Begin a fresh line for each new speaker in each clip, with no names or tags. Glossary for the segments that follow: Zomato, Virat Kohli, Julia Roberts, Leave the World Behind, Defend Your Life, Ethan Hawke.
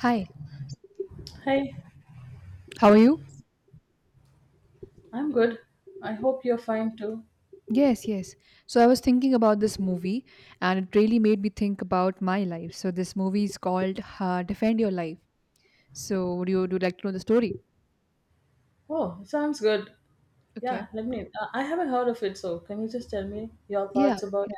Hi,
Hey,
how are you?
I'm good. I hope you're fine too.
Yes, yes. So, I was thinking about this movie and it really made me think about my life. So, this movie is called Defend Your Life. So, would you like to know the story?
Oh, it sounds good.
Okay.
Yeah, let me. I haven't heard of it, so can you just tell me your
Yeah,
thoughts about
yeah.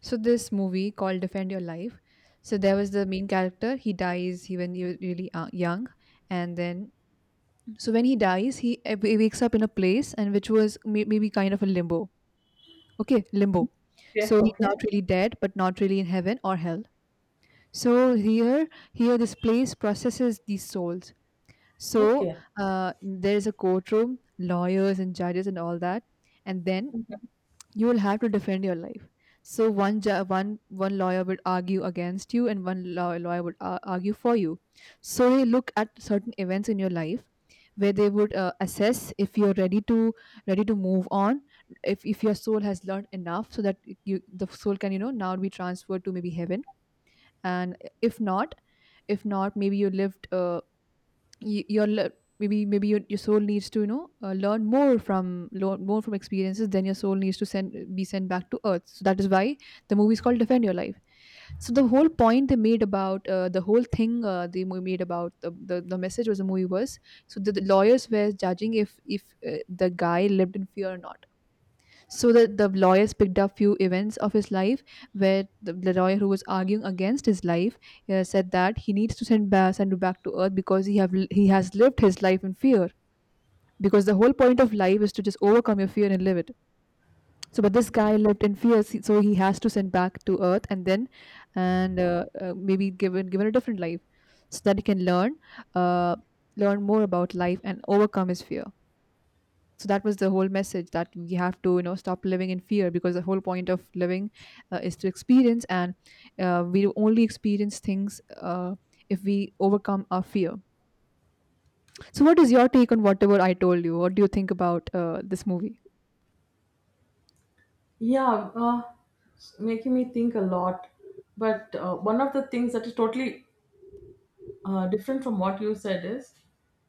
So, this movie called Defend Your Life. So, there was the main character. When he was really young. And then, so when he dies, he wakes up in a place and which was maybe kind of a limbo. Okay, limbo.
it?
So,
Okay,
he's
okay,
not really dead, but not really in heaven or hell. So here, Here this place processes these souls. So
okay.
there's a courtroom, lawyers and judges and all that, and then you will have to defend your life. So one ju- one one lawyer would argue against you, and one lawyer would argue for you. So they look at certain events in your life where they would assess if you're ready to move on if your soul has learned enough so that you the soul can you know now be transferred to maybe heaven and if not maybe you lived y- your le- maybe maybe your soul needs to you know learn more from experiences, then your soul needs to send be sent back to earth. So that is why the movie is called Defend Your Life. So the whole point they made about the whole thing they made about the message, was the movie was so the lawyers were judging if the guy lived in fear or not. So the lawyers picked up few events of his life where the lawyer who was arguing against his life said that he needs to send you back to earth because he has lived his life in fear, because the whole point of life is to just overcome your fear and live it. So but this guy lived in fear so he has to send back to earth, and then and maybe given a different life so that he can learn uh, learn more about life and overcome his fear. So that was the whole message, that we have to you know stop living in fear, because the whole point of living is to experience, and we only experience things if we overcome our fear. So what is your take on whatever I told you? What do you think about this movie?
Yeah, it's making me think a lot. But one of the things that is totally different from what you said is,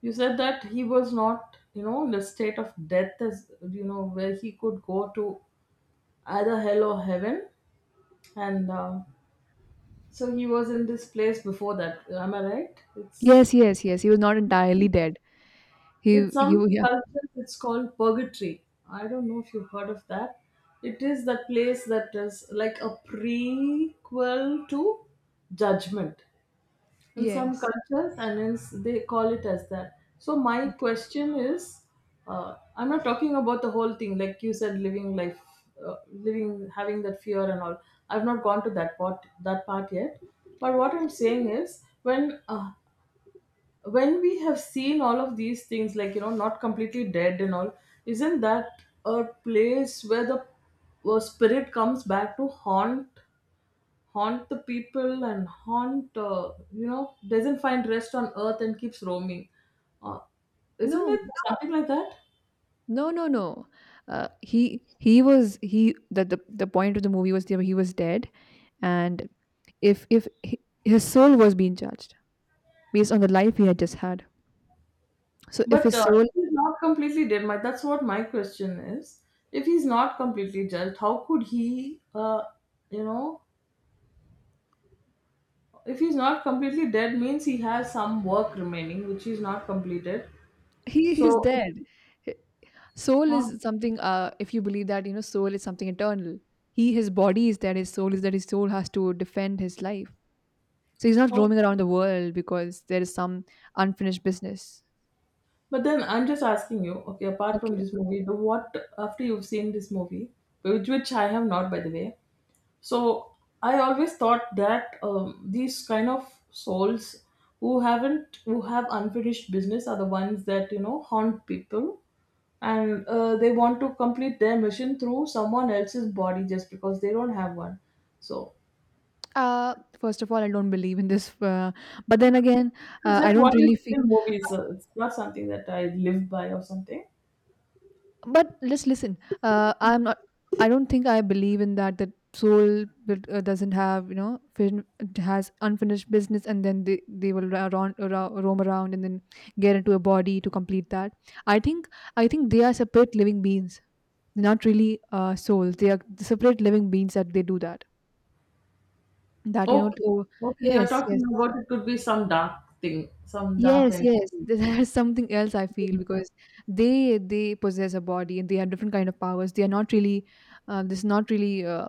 you said that he was not in the state of death, as you know, where he could go to either hell or heaven. And So he was in this place before that. Am I right? It's
Yes. He was not entirely dead. he
it's
he
some culture. It's called purgatory. I don't know if you've heard of that. It is that place that is like a prequel to judgment in
Yeah,
some
yes.
cultures, and they call it as that. So my question is, I'm not talking about the whole thing. Like you said, living life, living, having that fear and all. I've not gone to that part yet. But what I'm saying is, when we have seen all of these things, like, not completely dead and all, isn't that a place where the spirit comes back to haunt the people, and haunt, doesn't find rest on earth and keeps roaming, uh, isn't
no
it something like that?
no no no he he was he The point of the movie was that he was dead, and if he, his soul was being judged based on the life he had just had. So if
But
his soul,
if he's not completely dead, my that's what my question is. If he's not completely dead, how could he you know if he's not completely dead means he has some work remaining which he's not completed.
he is
so
dead. Hi- Soul
uh,
is something. If you believe that, you know, soul is something eternal. His body is dead. His soul has to defend his life. So he's not
how-
roaming around the world because there is some unfinished business.
but then I'm just asking you, okay, apart from
Okay.
this movie, the what after you've seen this movie, which I have not, by the way. So I always thought that these kind of souls who haven't who have unfinished business are the ones that haunt people, and they want to complete their mission through someone else's body just because they don't have one. So,
First of all, I don't believe in this. But then again,
it's
I
just
don't
what you
really
see
feel.
in movies. It's not something that I live by or something.
But let's listen, I'm not. I don't think I believe in that, that soul doesn't have you know it has unfinished business, and then they will roam around, and then get into a body to complete that. I think I think they are separate living beings, not really souls. They are separate living beings that they do that. That you know
Okay.
to,
Okay, you're
yes yes.
talking about it could be some dark thing, some dark
Yes,
and
yes. There's something else I feel, because they possess a body and they have different kind of powers. They are not really uh, this is not really uh,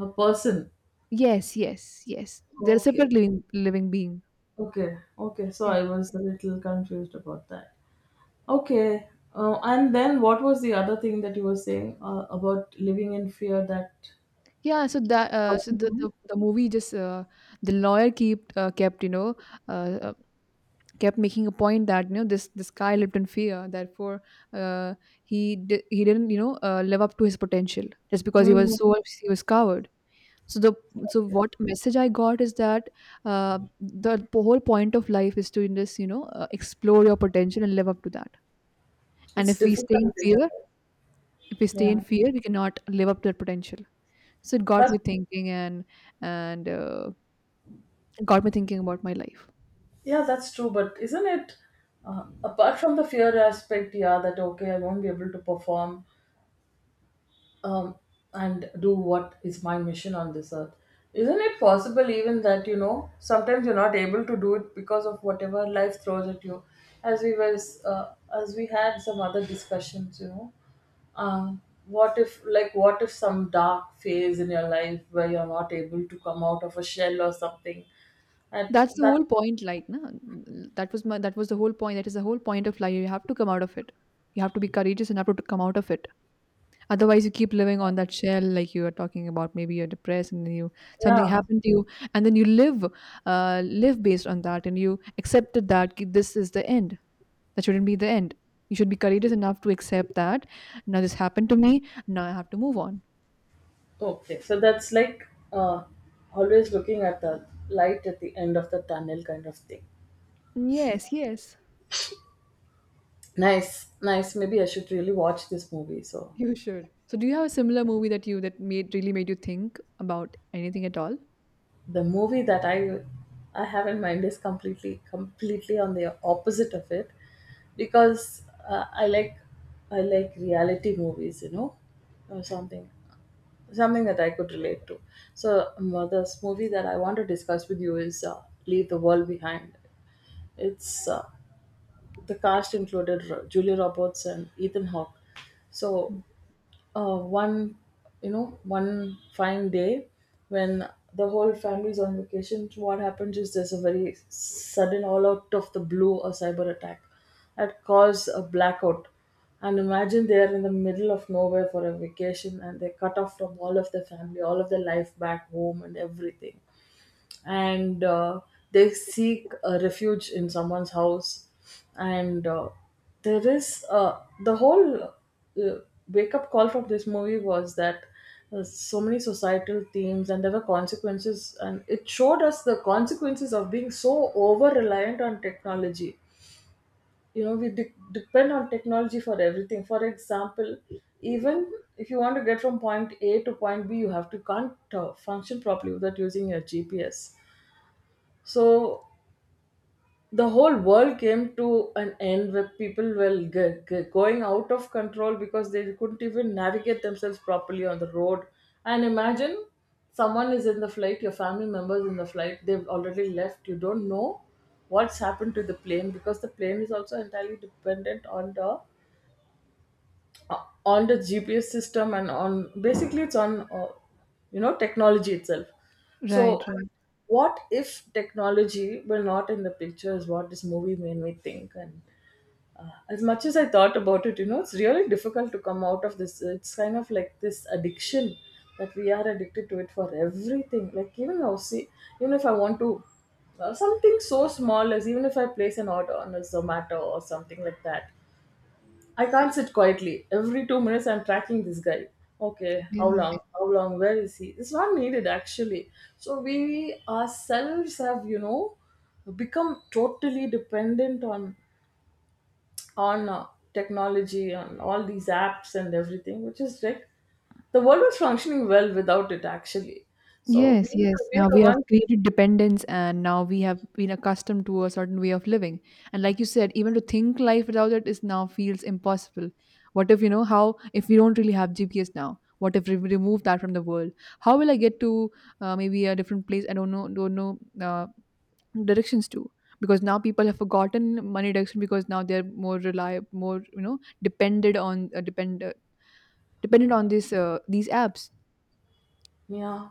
a person.
yes, yes, yes. They're a
Okay.
separate living being.
Okay, okay. So
Yeah.
I was a little confused about that. Okay. And then what was the other thing that you were saying about living in fear that.
Yeah, so that so the movie just the lawyer kept you know uh, uh, kept making a point that you know this guy lived in fear, therefore uh, he didn't you know live up to his potential just because he was
Mm.
so he was coward. So the so what message I got is that whole point of life is to just you know explore your potential and live up to that. And
It's
if we
difficult,
stay in
isn't
fear,
it?
If we stay in
Yeah,
fear, we cannot live up to that potential. So it got me
but
thinking, and and uh, it got me thinking about my life.
yeah, that's true. But isn't it, apart from the fear aspect, yeah, that okay, I won't be able to perform, um, and do what is my mission on this earth. Isn't it possible even that, you know, sometimes you're not able to do it because of whatever life throws at you? As we was, as we had some other discussions, you know, um, what if, like, what if some dark phase in your life where you're not able to come out of a shell or something at
That's the
that.
whole point, like, na? That was the whole point. That is the whole point of life. You have to come out of it. You have to be courageous and have to come out of it. Otherwise, you keep living on that shell, like you are talking about. Maybe you're depressed, and then you something
Yeah.
happened to you, and then you live, live based on that, and you accepted that this is the end. That shouldn't be the end. You should be courageous enough to accept that now this happened to me, now I have to move on.
Okay, so that's like uh, always looking at the light at the end of the tunnel kind of thing.
Yes, yes,
Nice, nice. Maybe I should really watch this movie. So
you should. So, do you have a similar movie that you that made really made you think about anything at all?
the movie that I have in mind is completely on the opposite of it, because I like reality movies, you know, or something that I could relate to. So this movie that I want to discuss with you is Leave the World Behind. It's the cast included Julia Roberts and Ethan Hawke. So
Mm.
uh, one, one fine day, when the whole family's on vacation, what happens is there's a very sudden, all out of the blue, a cyber attack that caused a blackout. And imagine, they're in the middle of nowhere for a vacation, and they're cut off from all of their family, all of their life back home and everything, and they seek a refuge in someone's house, and there is, the whole uh, wake up call from this movie was that, so many societal themes, and there were consequences, and it showed us the consequences of being so over reliant on technology. You know, we depend on technology for everything. For example, even if you want to get from point A to point B, you have to, can't function properly without using your GPS. So the whole world came to an end where people were going out of control because they couldn't even navigate themselves properly on the road. And imagine, someone is in the flight, your family members in the flight, they've already left. You don't know what's happened to the plane because the plane is also entirely dependent on the GPS system, and on, basically, it's on technology itself. So,
Right, right.
what if technology were not in the picture is what this movie made me think. And as much as I thought about it, you know, it's really difficult to come out of this. It's kind of like this addiction that we are addicted to it for everything. Like, even now, see, even if I want to, something so small as even if I place an order on a Zomato or something like that, I can't sit quietly. Every 2 minutes, I'm tracking this guy. Okay, how long? How long? Where is he? It's not needed, actually. So we ourselves have become totally dependent on on uh, technology and all these apps and everything, which is like the world was functioning well without it, actually. So we
Yes, yes.
we are
Now
the
we have
ones.
created dependence, and now we have been accustomed to a certain way of living. And like you said, even to think life without it is now feels impossible. What if, you know, how if we don't really have GPS now? What if we remove that from the world? How will I get to maybe a different place? I don't know, directions to, because now people have forgotten money direction, because now they're more reliable, more you know, depended on depend dependent on this these apps.
Yeah,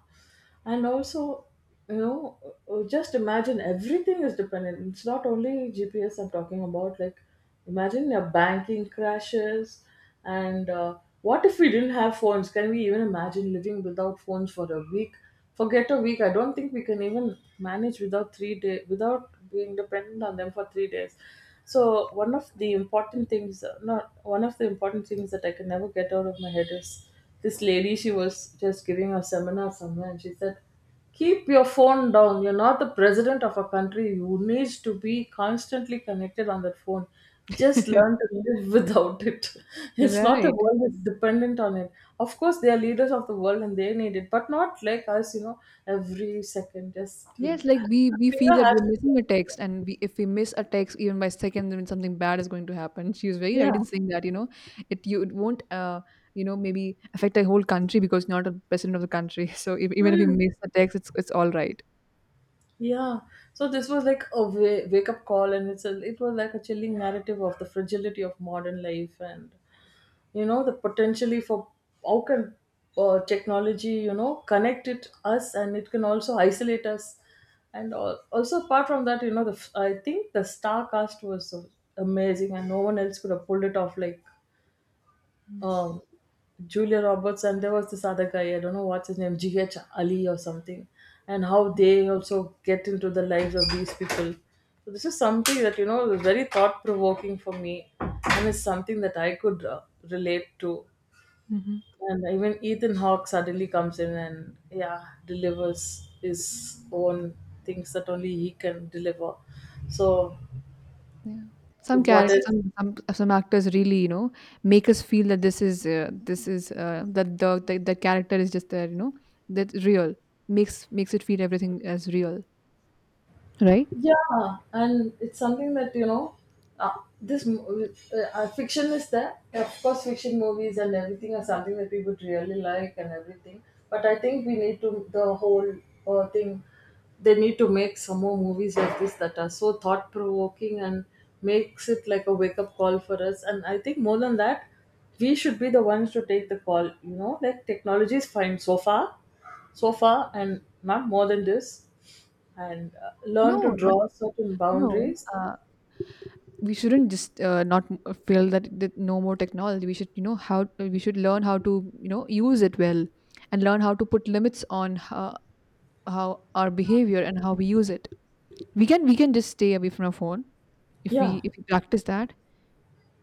and also, you know, just imagine, everything is dependent. It's not only GPS I'm talking about. Like, imagine your banking crashes, and what if we didn't have phones? Can we even imagine living without phones for a week? Forget a week. I don't think we can even manage without 3 day, without being dependent on them for 3 days. So one of the important things, not one of the important things that I can never get out of my head is. This lady, she was just giving a seminar somewhere, and she said, "Keep your phone down. You're not the president of a country. You need to be constantly connected on that phone. Just learn to live without it. It's not the
Right.
world that's dependent on it. Of course, they are leaders of the world and they need it, but not like us. You know, every second, just you,
Yes, like we
the
we feel
finger
that
has
we're
to be."
missing a text, and we, if we miss a text even by seconds, then something bad is going to happen. She was very right in
Yeah.
saying that you know, it you it won't you know maybe affect the whole country, because you're not a president of the country. So if, even if you
Hmm.
miss a text, it's all right.
Yeah, so this was like a wake up call, and it was like a chilling narrative of the fragility of modern life, and you know the potentially for how can technology connect it us, and it can also isolate us, and also, apart from that, I think the star cast was so amazing, and no one else could have pulled it off like, um, Julia Roberts, and there was this other guy, I don't know what's his name, GH Ali or something, and how they also get into the lives of these people. So, this is something that was very thought provoking for me, and it's something that I could, relate to.
Mm-hmm.
And even Ethan Hawke suddenly comes in and, yeah, delivers his own things that only he can deliver. So,
Yeah, some
what
characters,
is
some actors really you know make us feel that this is that the character is just there, you know, that real, makes it feel everything as real, right?
yeah, and it's something uh, fiction is there. Of course, fiction movies and everything are something that we would really like and everything. But I think we need to the whole thing. They need to make some more movies like this that are so thought provoking and makes it like a wake up call for us. And I think more than that, we should be the ones to take the call. You know, like, technology is fine so far, so far, and not more than this, and learn to
No, not
draw certain
no.
boundaries.
We shouldn't just not m- feel that, no more technology. We should you know how we should learn how to you know use it well, and learn how to put limits on how our behavior and how we use it. We can just stay away from our phone if we
Yeah,
if we practice that.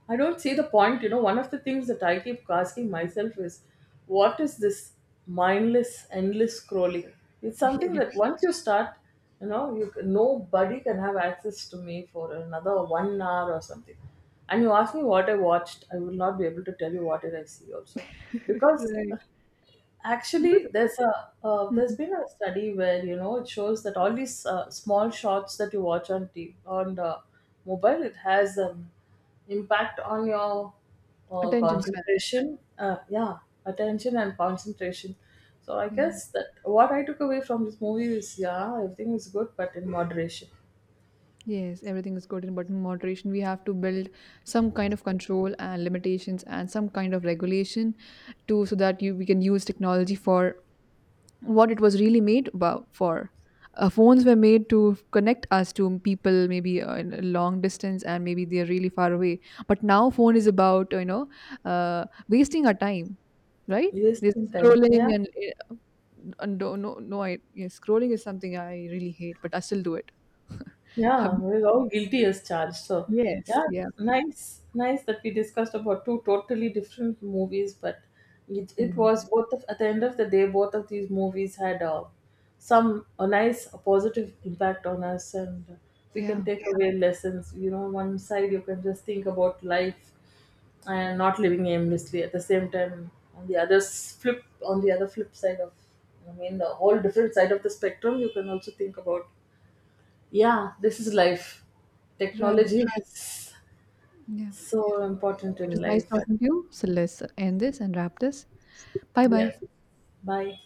I don't see the point. You know, one of the things that I keep asking myself is, what is this mindless, endless scrolling? It's something
Yeah.
that once you start, you know, you can, nobody can have access to me for another 1 hour or something. And you ask me what I watched, I will not be able to tell you what did I see also, because
Right,
actually,
because.
there's a uh, there's
Mm,
been a study where it shows that all these small shots that you watch on TV, on the mobile, it has an impact on your
attention span.
concentration, yeah, attention and concentration. So I
Yeah,
guess that what I took away from this movie is, yeah, everything is good but in moderation.
yes, everything is good in but in moderation. We have to build some kind of control and limitations and some kind of regulation too, so that you we can use technology for what it was really made about for. Phones were made to connect us to people maybe in a long distance and maybe they're really far away. But now phone is about you know wasting our time, right?
Yes,
This
intense.
scrolling, and, no. I, yeah, scrolling is something I really hate, but I still do it.
Yeah, we're all guilty as charged. So,
Yes,
yeah,
yeah,
nice, nice that we discussed about two totally different movies, but it
mm,
was both of, at the end of the day, both of these movies had some a nice a positive impact on us, and we can
yeah,
take away lessons. You know, one side you can just think about life and not living aimlessly. At the same time, on the on the other flip side of, I mean, the whole different side of the spectrum, you can also think about, yeah, this is life.
right,
Technology is
yeah.
so important
It was
in
nice
life.
talking to you. So let's end this and wrap this. Bye bye.
Yes. Bye.